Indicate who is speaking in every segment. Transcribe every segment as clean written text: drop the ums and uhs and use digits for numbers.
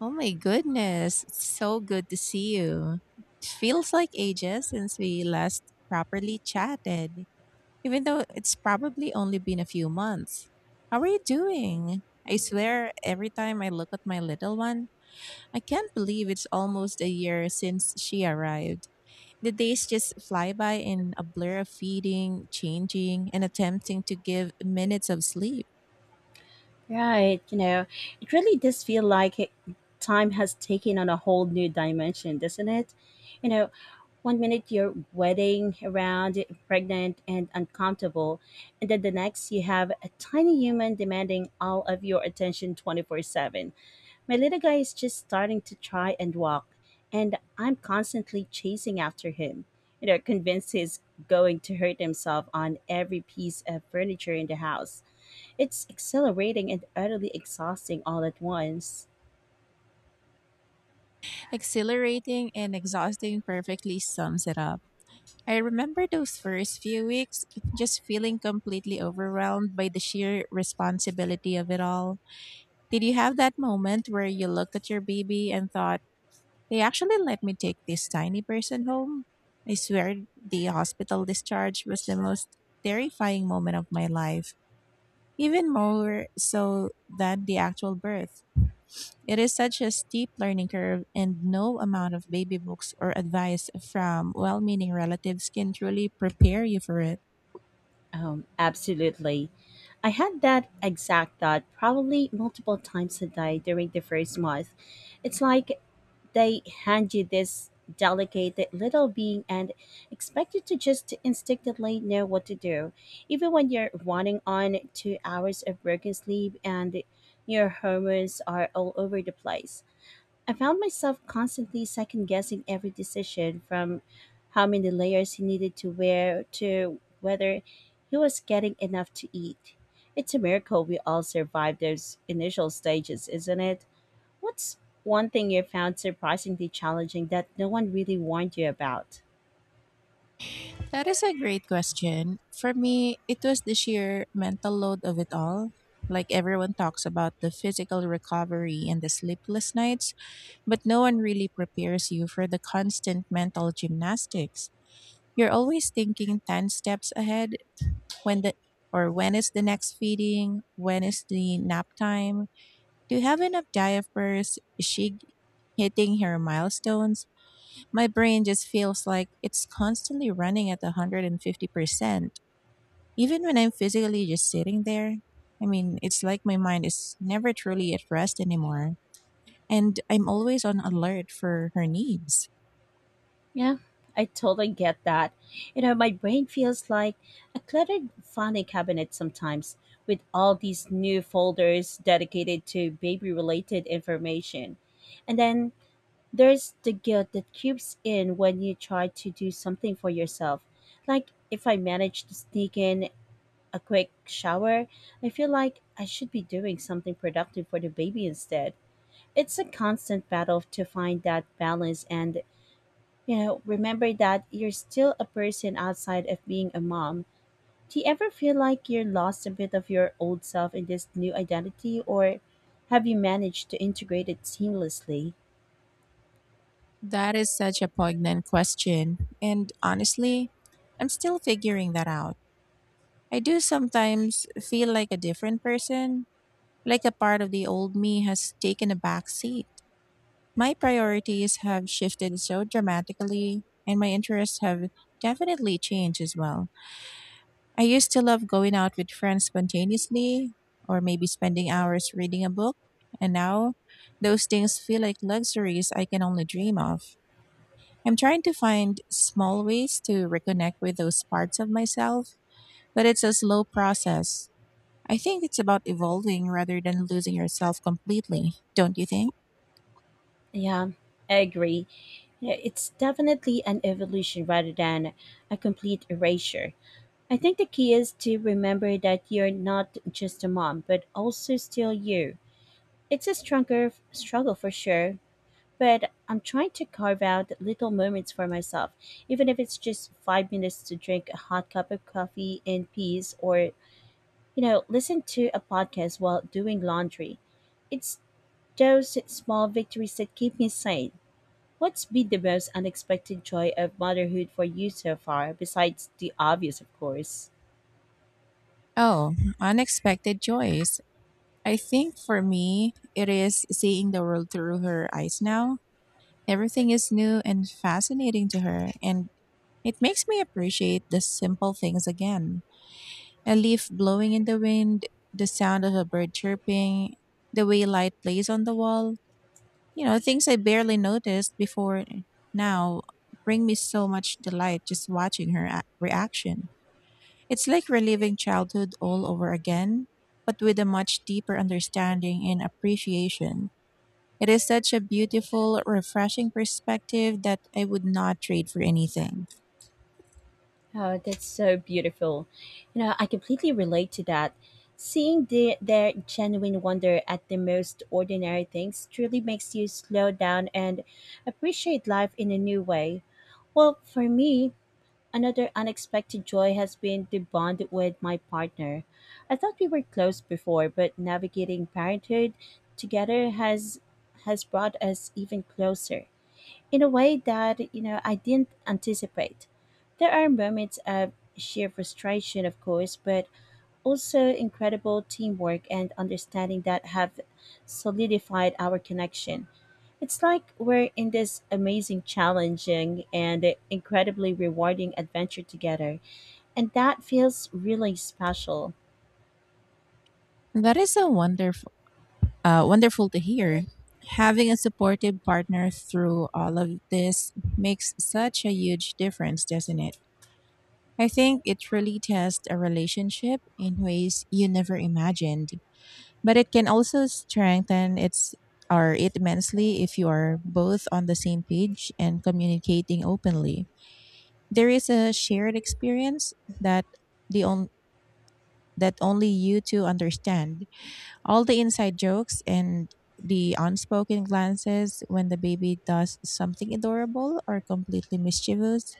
Speaker 1: Oh my goodness. It's so good to see you. It feels like ages since we last properly chatted, even though it's probably only been a few months. How are you doing? I swear, every time I look at my little one, I can't believe it's almost a year since she arrived. The days just fly by in a blur of feeding, changing, and attempting to give minutes of sleep.
Speaker 2: Right, it really does feel like it. Time has taken on a whole new dimension, doesn't it? You know, One minute you're wedding around, pregnant and uncomfortable, and then the next you have a tiny human demanding all of your attention 24/7. My little guy is just starting to try and walk, and I'm constantly chasing after him. Convinced he's going to hurt himself on every piece of furniture in the house. It's exhilarating and utterly exhausting all at once.
Speaker 1: Exhilarating and exhausting perfectly sums it up. I remember those first few weeks just feeling completely overwhelmed by the sheer responsibility of it all. Did you have that moment where you looked at your baby and thought, they actually let me take this tiny person home? I swear the hospital discharge was the most terrifying moment of my life, even more so than the actual birth. It is such a steep learning curve, and no amount of baby books or advice from well meaning relatives can truly prepare you for it.
Speaker 2: Absolutely. I had that exact thought probably multiple times a day during the first month. It's like they hand you this delicate little being and expect you to just instinctively know what to do, even when you're running on 2 hours of broken sleep, and your hormones are all over the place. I found myself constantly second guessing every decision, from how many layers he needed to wear to whether he was getting enough to eat. It's a miracle we all survived those initial stages, isn't it? What's one thing you found surprisingly challenging that no one really warned you about?
Speaker 1: That is a great question. For me, it was the sheer mental load of it all. Like everyone talks about the physical recovery and the sleepless nights, but no one really prepares you for the constant mental gymnastics. You're always thinking 10 steps ahead when the or when is the next feeding? When is the nap time? Do you have enough diapers? Is she hitting her milestones? My brain just feels like it's constantly running at 150%. Even when I'm physically just sitting there, I mean, it's like my mind is never truly at rest anymore, and I'm always on alert for her needs.
Speaker 2: Yeah, I totally get that. My brain feels like a cluttered filing cabinet sometimes, with all these new folders dedicated to baby related information. And then there's the guilt that creeps in when you try to do something for yourself. Like if I manage to sneak in a quick shower, I feel like I should be doing something productive for the baby instead. It's a constant battle to find that balance and, remember that you're still a person outside of being a mom. Do you ever feel like you're lost a bit of your old self in this new identity, or have you managed to integrate it seamlessly?
Speaker 1: That is such a poignant question, and honestly, I'm still figuring that out. I do sometimes feel like a different person, like a part of the old me has taken a back seat. My priorities have shifted so dramatically, and my interests have definitely changed as well. I used to love going out with friends spontaneously, or maybe spending hours reading a book, and now those things feel like luxuries I can only dream of. I'm trying to find small ways to reconnect with those parts of myself, but it's a slow process. I think it's about evolving rather than losing yourself completely, don't you think?
Speaker 2: Yeah, I agree. Yeah, it's definitely an evolution rather than a complete erasure. I think the key is to remember that you're not just a mom, but also still you. It's a stronger struggle for sure, but I'm trying to carve out little moments for myself, even if it's just 5 minutes to drink a hot cup of coffee in peace, or, listen to a podcast while doing laundry. It's those small victories that keep me sane. What's been the most unexpected joy of motherhood for you so far, besides the obvious, of course?
Speaker 1: Oh, unexpected joys. I think for me, it is seeing the world through her eyes now. Everything is new and fascinating to her, and it makes me appreciate the simple things again. A leaf blowing in the wind, the sound of a bird chirping, the way light plays on the wall. You know, things I barely noticed before now bring me so much delight just watching her reaction. It's like reliving childhood all over again, but with a much deeper understanding and appreciation. It is such a beautiful, refreshing perspective that I would not trade for anything.
Speaker 2: Oh, that's so beautiful. I completely relate to that. Seeing their genuine wonder at the most ordinary things truly makes you slow down and appreciate life in a new way. Well, for me, another unexpected joy has been the bond with my partner. I thought we were close before, but navigating parenthood together has brought us even closer, in a way that I didn't anticipate. There are moments of sheer frustration, of course, but also incredible teamwork and understanding that have solidified our connection. It's like we're in this amazing, challenging, and incredibly rewarding adventure together, and that feels really special.
Speaker 1: That is so wonderful, wonderful to hear. Having a supportive partner through all of this makes such a huge difference, doesn't it? I think it really tests a relationship in ways you never imagined, but it can also strengthen its or it immensely if you are both on the same page and communicating openly. There is a shared experience that the on, that only you two understand. All the inside jokes and the unspoken glances when the baby does something adorable or completely mischievous.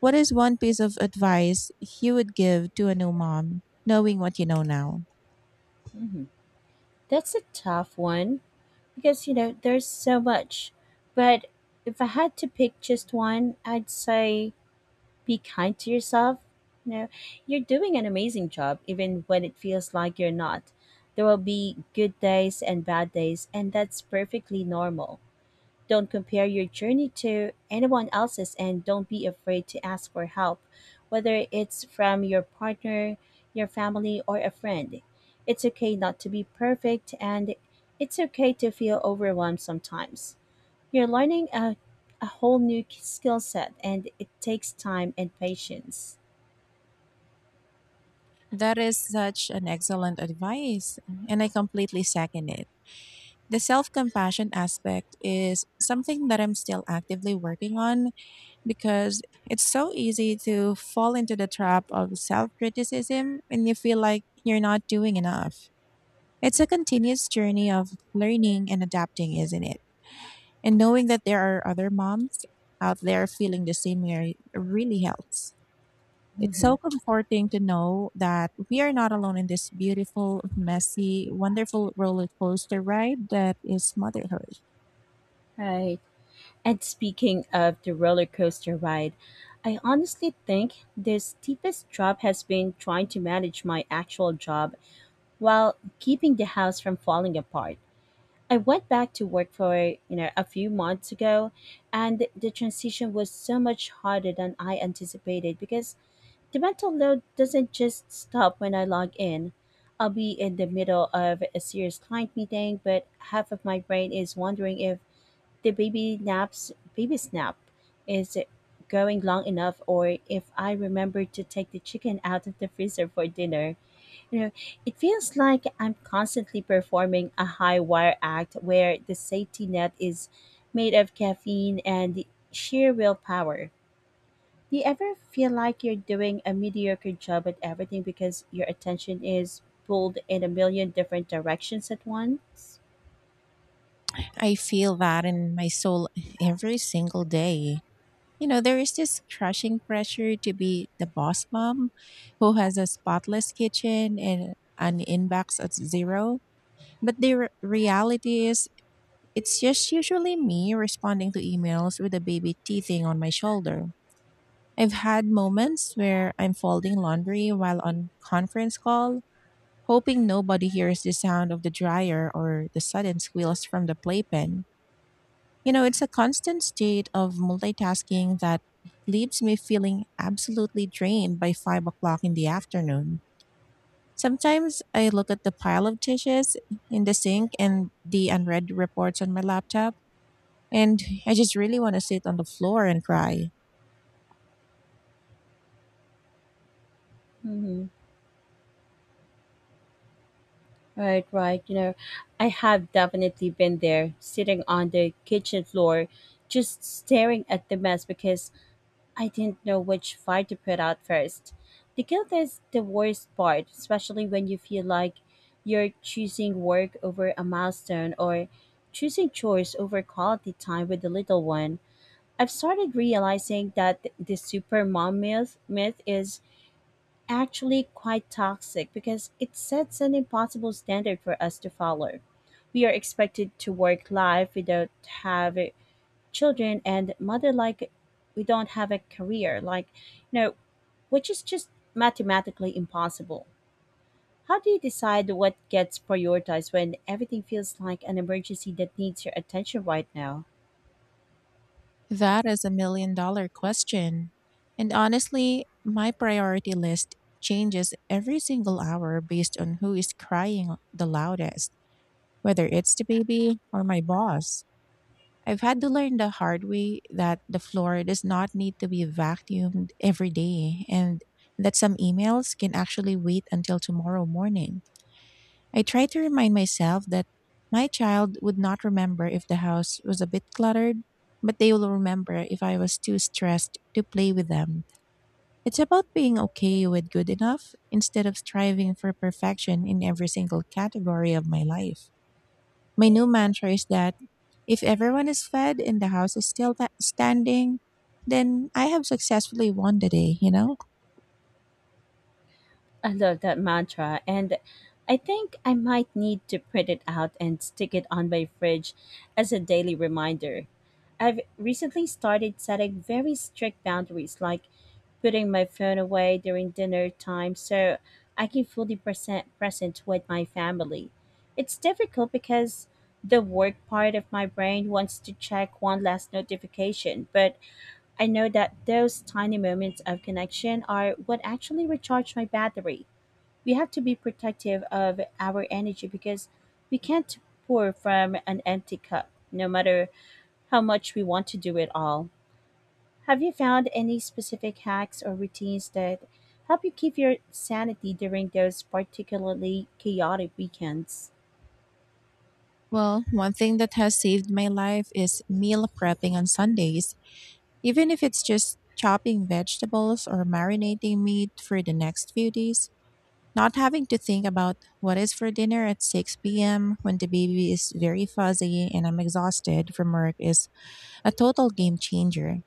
Speaker 1: What is one piece of advice you would give to a new mom, knowing what you know now?
Speaker 2: Mhm. That's a tough one, because there's so much, but if I had to pick just one, I'd say be kind to yourself. You know, you're doing an amazing job, even when it feels like you're not. There will be good days and bad days, and that's perfectly normal. Don't compare your journey to anyone else's, and don't be afraid to ask for help, whether it's from your partner, your family, or a friend. It's okay not to be perfect, and it's okay to feel overwhelmed sometimes. You're learning a whole new skill set, and it takes time and patience.
Speaker 1: That is such an excellent advice, and I completely second it. The self compassion aspect is something that I'm still actively working on because it's so easy to fall into the trap of self criticism when you feel like you're not doing enough. It's a continuous journey of learning and adapting, isn't it? And knowing that there are other moms out there feeling the same way really helps. It's
Speaker 2: Hmm.
Speaker 1: so comforting to know that we are not alone in this beautiful, messy, wonderful roller coaster ride that is motherhood.
Speaker 2: Right. And speaking of the roller coaster ride, I honestly think the steepest drop has been trying to manage my actual job while keeping the house from falling apart. I went back to work for a few months ago, and the transition was so much harder than I anticipated, because the mental load doesn't just stop when I log in. I'll be in the middle of a serious client meeting, but half of my brain is wondering if the baby naps baby snap is going long enough, or if I remember to take the chicken out of the freezer for dinner. You know, it feels like I'm constantly performing a high wire act, where the safety net is made of caffeine and sheer willpower. Do you ever feel like you're doing a mediocre job at everything because your attention is pulled in a million different directions at once?
Speaker 1: I feel that in my soul every single day. You know, there is this crushing pressure to be the boss mom who has a spotless kitchen and an inbox at zero. But the reality is, it's just usually me responding to emails with a baby teething on my shoulder. I've had moments where I'm folding laundry while on conference call, hoping nobody hears the sound of the dryer or the sudden squeals from the playpen. You know, it's a constant state of multitasking that leaves me feeling absolutely drained by 5 o'clock in the afternoon. Sometimes I look at the pile of dishes in the sink and the unread reports on my laptop, and I just really want to sit on the floor and cry.
Speaker 2: Hmm. Right, right. I have definitely been there, sitting on the kitchen floor, just staring at the mess because I didn't know which fire to put out first. The guilt is the worst part, especially when you feel like you're choosing work over a milestone, or choosing chores over quality time with the little one. I've started realizing that the super mom myth is actually quite toxic, because it sets an impossible standard for us to follow. We are expected to work life without have children, and mother like we don't have a career, like you know which is just mathematically impossible. How do you decide what gets prioritized when everything feels like an emergency that needs your attention right now?
Speaker 1: That is a million dollar question. And honestly, my priority list changes every single hour based on who is crying the loudest, whether it's the baby or my boss. I've had to learn the hard way that the floor does not need to be vacuumed every day and that some emails can actually wait until tomorrow morning. I try to remind myself that my child would not remember if the house was a bit cluttered, but they will remember if I was too stressed to play with them. It's about being okay with good enough instead of striving for perfection in every single category of my life. My new mantra is that if everyone is fed and the house is still standing, then I have successfully won the day, you know?
Speaker 2: I love that mantra, and I think I might need to print it out and stick it on my fridge as a daily reminder. I've recently started setting very strict boundaries, like putting my phone away during dinner time so I can fully present with my family. It's difficult because the work part of my brain wants to check one last notification, but I know that those tiny moments of connection are what actually recharge my battery. We have to be protective of our energy, because we can't pour from an empty cup, no matter how much we want to do it all. Have you found any specific hacks or routines that help you keep your sanity during those particularly chaotic weekends?
Speaker 1: Well, one thing that has saved my life is meal prepping on Sundays, even if it's just chopping vegetables or marinating meat for the next few days. Not having to think about what is for dinner at 6 p.m. when the baby is very fuzzy and I'm exhausted from work is a total game changer.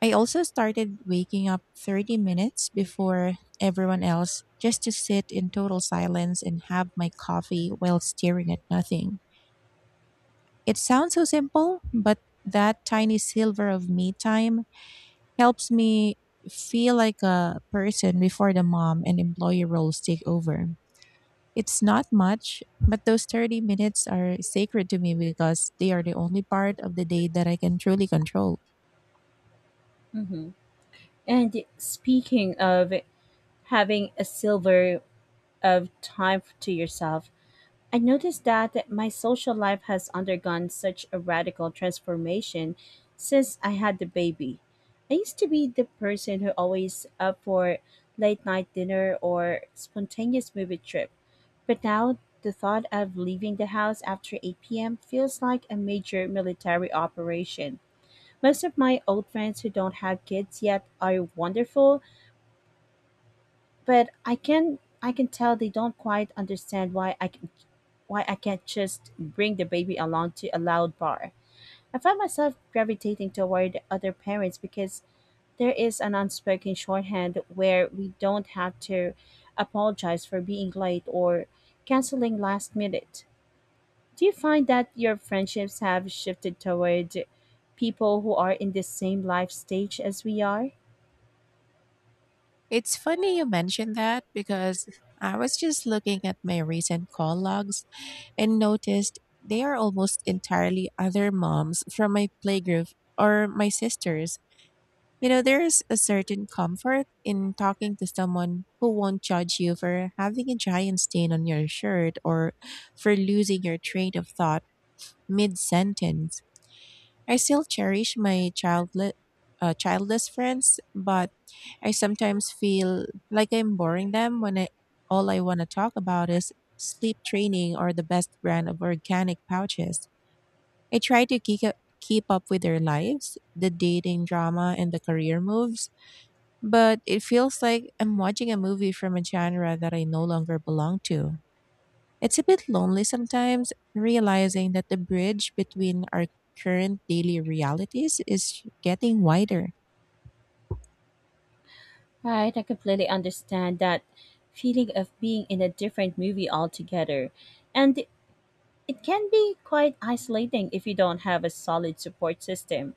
Speaker 1: I also started waking up 30 minutes before everyone else just to sit in total silence and have my coffee while staring at nothing. It sounds so simple, but that tiny silver of me time helps me feel like a person before the mom and employee roles take over. It's not much, but those 30 minutes are sacred to me because they are the only part of the day that I can truly control.
Speaker 2: hmm And speaking of having a silver of time to yourself, I noticed that my social life has undergone such a radical transformation since I had the baby. I used to be the person who always up for late night dinner or spontaneous movie trip. But now the thought of leaving the house after 8 p.m. feels like a major military operation. Most of my old friends who don't have kids yet are wonderful, but I can tell they don't quite understand why I can't just bring the baby along to a loud bar. I find myself gravitating toward other parents because there is an unspoken shorthand, where we don't have to apologize for being late or canceling last minute. Do you find that your friendships have shifted toward people who are in the same life stage as we are?
Speaker 1: It's funny you mentioned that because I was just looking at my recent call logs and noticed they are almost entirely other moms from my playgroup or my sisters. You know, there's a certain comfort in talking to someone who won't judge you for having a giant stain on your shirt or for losing your train of thought mid sentence. I still cherish my childless friends, but I sometimes feel like I'm boring them when all I want to talk about is sleep training or the best brand of organic pouches. I try to keep up with their lives, the dating drama, and the career moves, but it feels like I'm watching a movie from a genre that I no longer belong to. It's a bit lonely sometimes, realizing that the bridge between our current daily realities is getting wider.
Speaker 2: Right, I completely understand that feeling of being in a different movie altogether. And it can be quite isolating if you don't have a solid support system.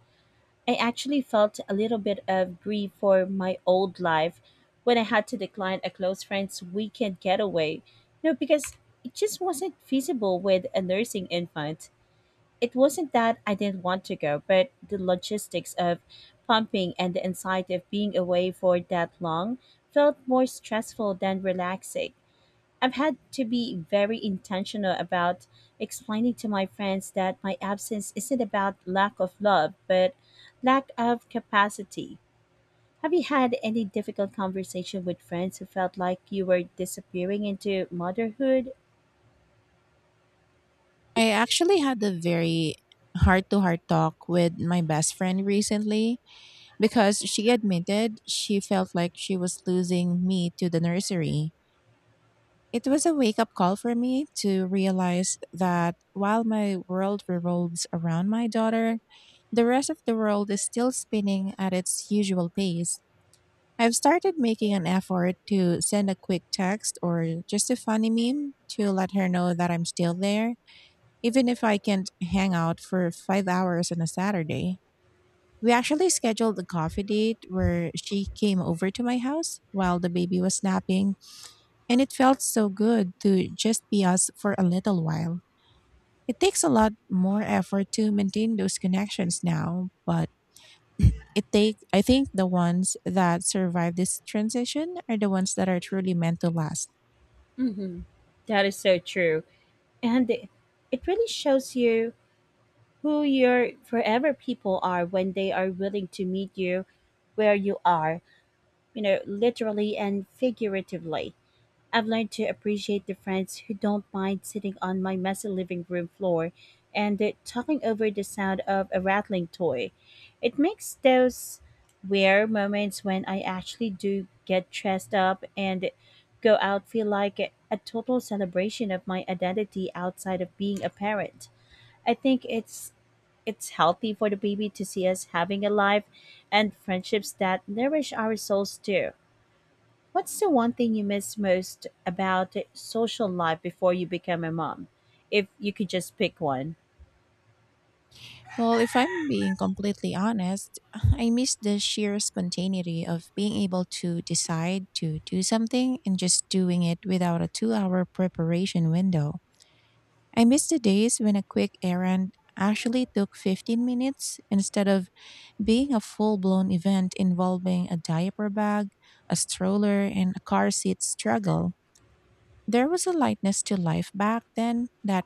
Speaker 2: I actually felt a little bit of grief for my old life when I had to decline a close friend's weekend getaway. No, because it just wasn't feasible with a nursing infant. It wasn't that I didn't want to go, but the logistics of pumping and the anxiety of being away for that long felt more stressful than relaxing. I've had to be very intentional about explaining to my friends that my absence isn't about lack of love, but lack of capacity. Have you had any difficult conversation with friends who felt like you were disappearing into motherhood?
Speaker 1: I actually had a very heart to heart talk with my best friend recently because she admitted she felt like she was losing me to the nursery. It was a wake up call for me to realize that while my world revolves around my daughter, the rest of the world is still spinning at its usual pace. I've started making an effort to send a quick text or just a funny meme to let her know that I'm still there, even if I can't hang out for 5 hours on a Saturday. We actually scheduled a coffee date where she came over to my house while the baby was napping, and it felt so good to just be us for a little while. It takes a lot more effort to maintain those connections now, but it take I think the ones that survive this transition are the ones that are truly meant to last.
Speaker 2: Mhm. That is so true. And it really shows you who your forever people are, when they are willing to meet you where you are, literally and figuratively. I've learned to appreciate the friends who don't mind sitting on my messy living room floor and talking over the sound of a rattling toy. It makes those rare moments when I actually do get dressed up and go out feel like a total celebration of my identity outside of being a parent. I think it's healthy for the baby to see us having a life and friendships that nourish our souls too. What's the one thing you miss most about social life before you became a mom? If you could just pick one.
Speaker 1: Well, if I'm being completely honest, I miss the sheer spontaneity of being able to decide to do something and just doing it without a 2-hour preparation window. I miss the days when a quick errand actually took 15 minutes instead of being a full-blown event involving a diaper bag, a stroller, and a car seat struggle. There was a lightness to life back then that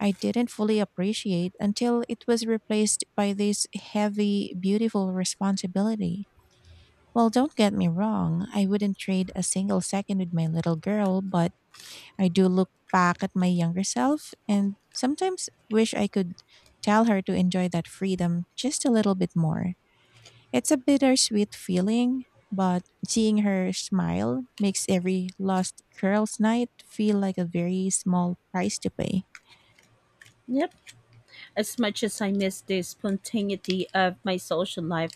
Speaker 1: I didn't fully appreciate until it was replaced by this heavy, beautiful responsibility. Well, don't get me wrong, I wouldn't trade a single second with my little girl, but I do look back at my younger self and sometimes wish I could tell her to enjoy that freedom just a little bit more. It's a bittersweet feeling, but seeing her smile makes every lost girls' night feel like a very small price to pay.
Speaker 2: Yep. As much as I miss the spontaneity of my social life,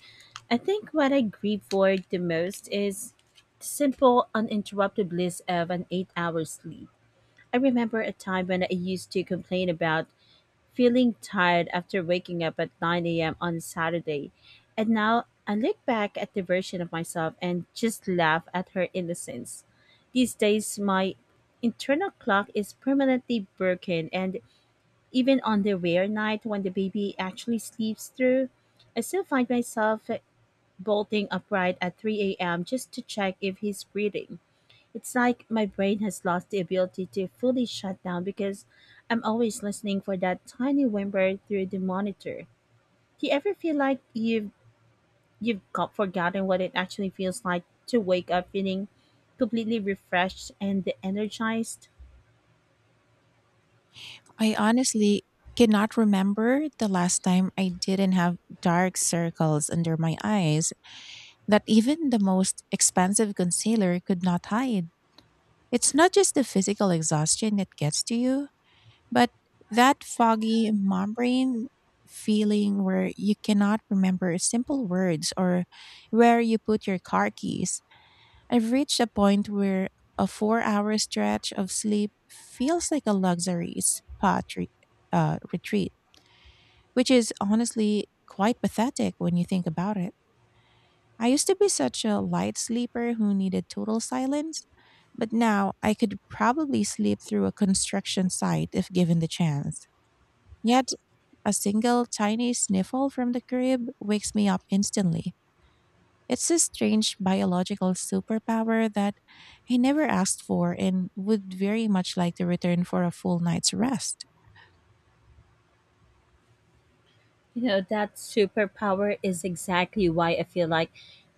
Speaker 2: I think what I grieve for the most is the simple, uninterrupted bliss of an 8 hour sleep. I remember a time when I used to complain about feeling tired after waking up at 9 a.m. on Saturday. And now I look back at the version of myself and just laugh at her innocence. These days, my internal clock is permanently broken, and even on the rare night when the baby actually sleeps through, I still find myself bolting upright at 3 a.m. just to check if he's breathing. It's like my brain has lost the ability to fully shut down because I'm always listening for that tiny whimper through the monitor. Do you ever feel like you've got forgotten what it actually feels like to wake up feeling completely refreshed and energized?
Speaker 1: I honestly cannot remember the last time I didn't have dark circles under my eyes that even the most expensive concealer could not hide. It's not just the physical exhaustion that gets to you, but that foggy mom brain feeling where you cannot remember simple words or where you put your car keys. I've reached a point where a 4 hour stretch of sleep feels like a luxury retreat, which is honestly quite pathetic when you think about it. I used to be such a light sleeper who needed total silence, but now I could probably sleep through a construction site if given the chance. Yet, a single tiny sniffle from the crib wakes me up instantly. It's a strange biological superpower that I never asked for and would very much like to return for a full night's rest.
Speaker 2: You know, that superpower is exactly why I feel like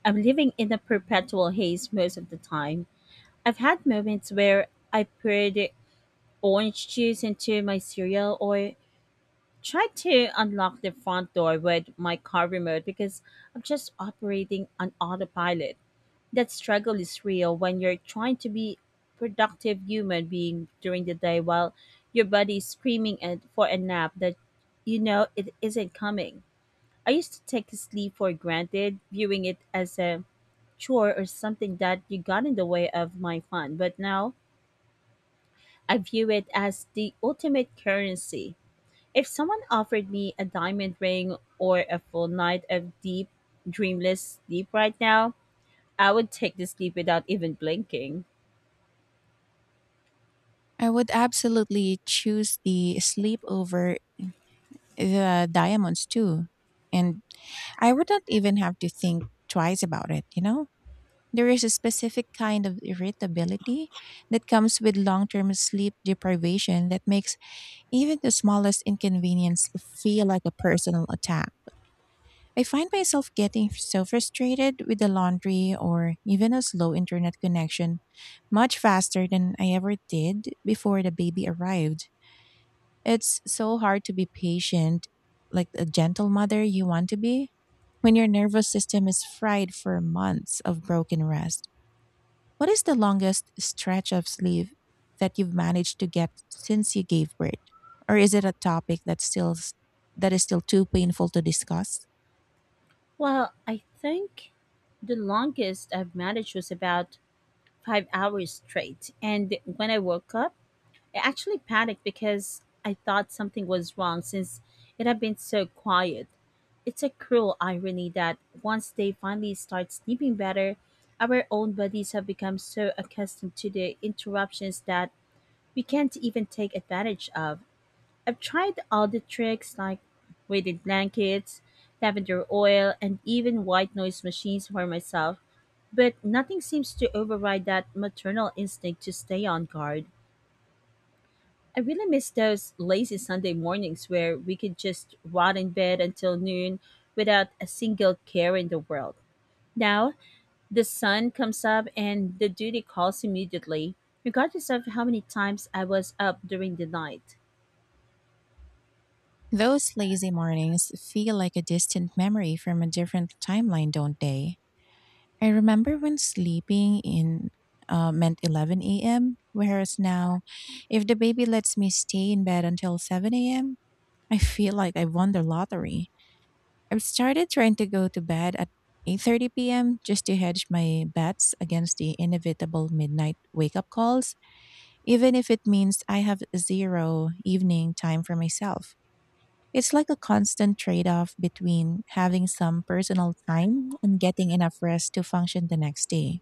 Speaker 2: I'm living in a perpetual haze most of the time. I've had moments where I poured orange juice into my cereal or tried to unlock the front door with my car remote because I'm just operating on autopilot. That struggle is real when you're trying to be productive human being during the day while your body is screaming at for a nap that you know it isn't coming. I used to take sleep for granted, viewing it as a chore or something that you got in the way of my fun, but now I view it as the ultimate currency. If someone offered me a diamond ring or a full night of deep, dreamless sleep right now, I would take the sleep without even blinking.
Speaker 1: I would absolutely choose the sleep over the diamonds too. And I would not even have to think twice about it, you know? There is a specific kind of irritability that comes with long term sleep deprivation that makes even the smallest inconvenience feel like a personal attack. I find myself getting so frustrated with the laundry or even a slow internet connection much faster than I ever did before the baby arrived. It's so hard to be patient, like a gentle mother you want to be, when your nervous system is fried for months of broken rest. What is the longest stretch of sleep that you've managed to get since you gave birth? Or is it a topic that's still that is still too painful to discuss?
Speaker 2: Well, I think the longest I've managed was about 5 hours straight. And when I woke up, I actually panicked because I thought something was wrong since it had been so quiet. It's a cruel irony that once they finally start sleeping better, our own bodies have become so accustomed to the interruptions that we can't even take advantage of. I've tried all the tricks, like weighted blankets, lavender oil, and even white noise machines for myself, but nothing seems to override that maternal instinct to stay on guard. I really miss those lazy Sunday mornings where we could just rot in bed until noon without a single care in the world. Now, the sun comes up and the duty calls immediately, regardless of how many times I was up during the night.
Speaker 1: Those lazy mornings feel like a distant memory from a different timeline, don't they? I remember when sleeping in meant 11 a.m., whereas now, if the baby lets me stay in bed until 7 a.m., I feel like I won the lottery. I've started trying to go to bed at 8:30 p.m. just to hedge my bets against the inevitable midnight wake-up calls, even if it means I have zero evening time for myself. It's like a constant trade-off between having some personal time and getting enough rest to function the next day.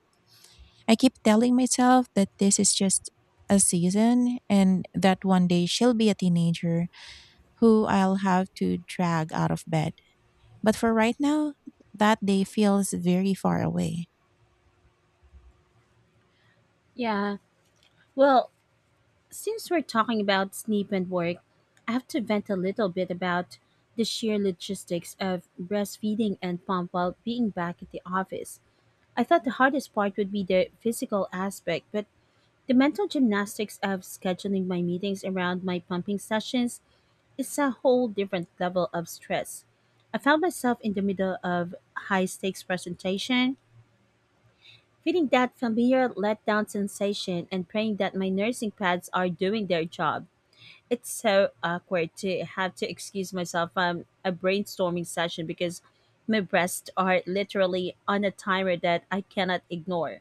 Speaker 1: I keep telling myself that this is just a season and that one day she'll be a teenager who I'll have to drag out of bed. But for right now, that day feels very far away.
Speaker 2: Yeah, well, since we're talking about sleep and work, I have to vent a little bit about the sheer logistics of breastfeeding and pump while being back at the office. I thought the hardest part would be the physical aspect, but the mental gymnastics of scheduling my meetings around my pumping sessions is a whole different level of stress. I found myself in the middle of high stakes presentation, feeling that familiar letdown sensation and praying that my nursing pads are doing their job. It's so awkward to have to excuse myself from a brainstorming session because my breasts are literally on a timer that I cannot ignore.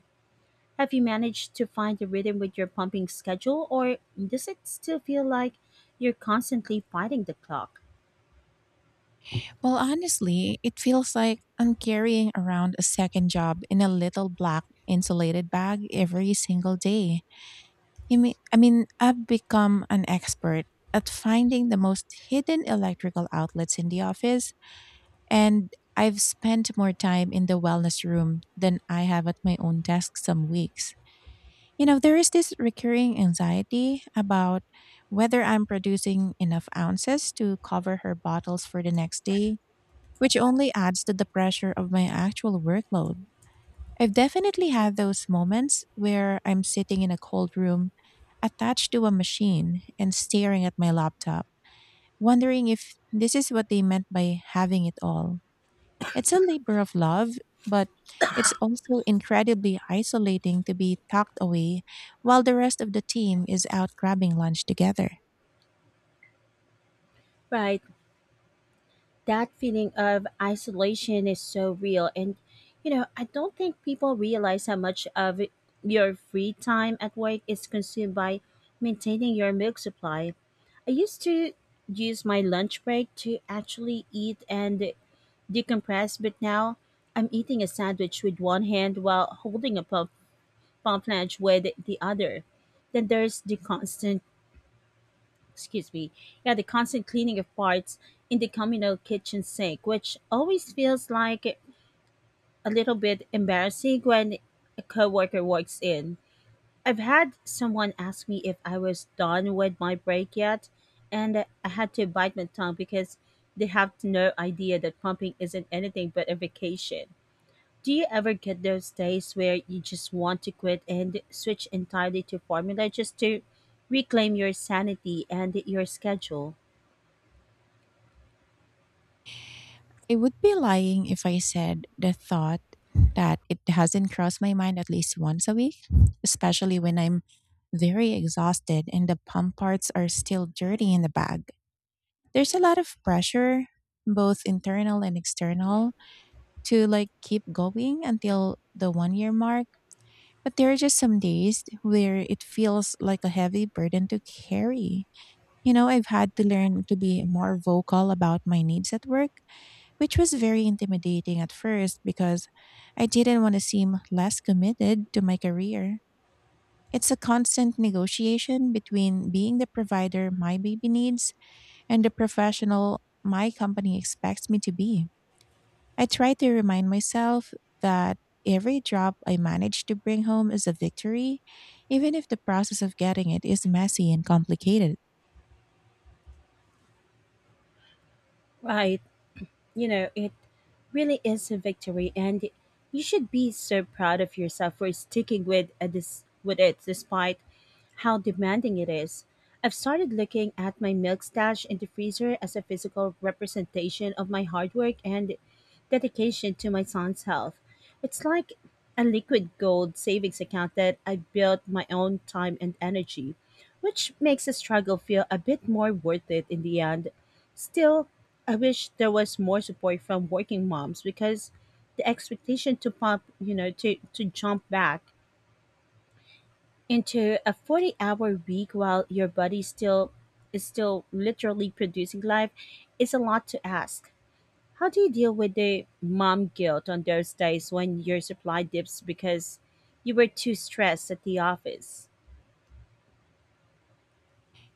Speaker 2: Have you managed to find a rhythm with your pumping schedule, or does it still feel like you're constantly fighting the clock?
Speaker 1: Well, honestly, it feels like I'm carrying around a second job in a little black insulated bag every single day. I mean, I've become an expert at finding the most hidden electrical outlets in the office, and I've spent more time in the wellness room than I have at my own desk some weeks. You know, there is this recurring anxiety about whether I'm producing enough ounces to cover her bottles for the next day, which only adds to the pressure of my actual workload. I've definitely had those moments where I'm sitting in a cold room, attached to a machine, and staring at my laptop, wondering if this is what they meant by having it all. It's a labor of love, but it's also incredibly isolating to be tucked away while the rest of the team is out grabbing lunch together.
Speaker 2: Right. That feeling of isolation is so real. And, you know, I don't think people realize how much of your free time at work is consumed by maintaining your milk supply. I used to use my lunch break to actually eat and decompress, but now I'm eating a sandwich with one hand while holding a pump functionality with the other. Then there's the constant, excuse me, yeah, the constant cleaning of parts in the communal kitchen sink, which always feels like a little bit embarrassing when a coworker walks in. I've had someone ask me if I was done with my break yet, and I had to bite my tongue because they have no idea that pumping isn't anything but a vacation. Do you ever get those days where you just want to quit and switch entirely to formula just to reclaim your sanity and your schedule?
Speaker 1: I would be lying if I said the thought that it hasn't crossed my mind at least once a week, especially when I'm very exhausted and the pump parts are still dirty in the bag. There's a lot of pressure, both internal and external, to like keep going until the 1 year mark. But there are just some days where it feels like a heavy burden to carry. You know, I've had to learn to be more vocal about my needs at work, which was very intimidating at first because I didn't want to seem less committed to my career. It's a constant negotiation between being the provider my baby needs and the professional my company expects me to be. I try to remind myself that every drop I manage to bring home is a victory, even if the process of getting it is messy and complicated.
Speaker 2: Right. You know, it really is a victory, and you should be so proud of yourself for sticking with it despite how demanding it is. I've started looking at my milk stash in the freezer as a physical representation of my hard work and dedication to my son's health. It's like a liquid gold savings account that I built my own time and energy, which makes the struggle feel a bit more worth it in the end. Still, I wish there was more support from working moms because the expectation to pump, you know, to jump back into a 40-hour week while your body still is still literally producing life is a lot to ask. How do you deal with the mom guilt on those days when your supply dips because you were too stressed at the office?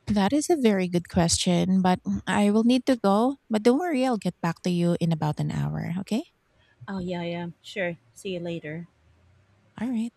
Speaker 1: That is a very good question, but I will need to go. But don't worry, I'll get back to you in about an hour, okay?
Speaker 2: Oh yeah, yeah, sure. See you later.
Speaker 1: All right.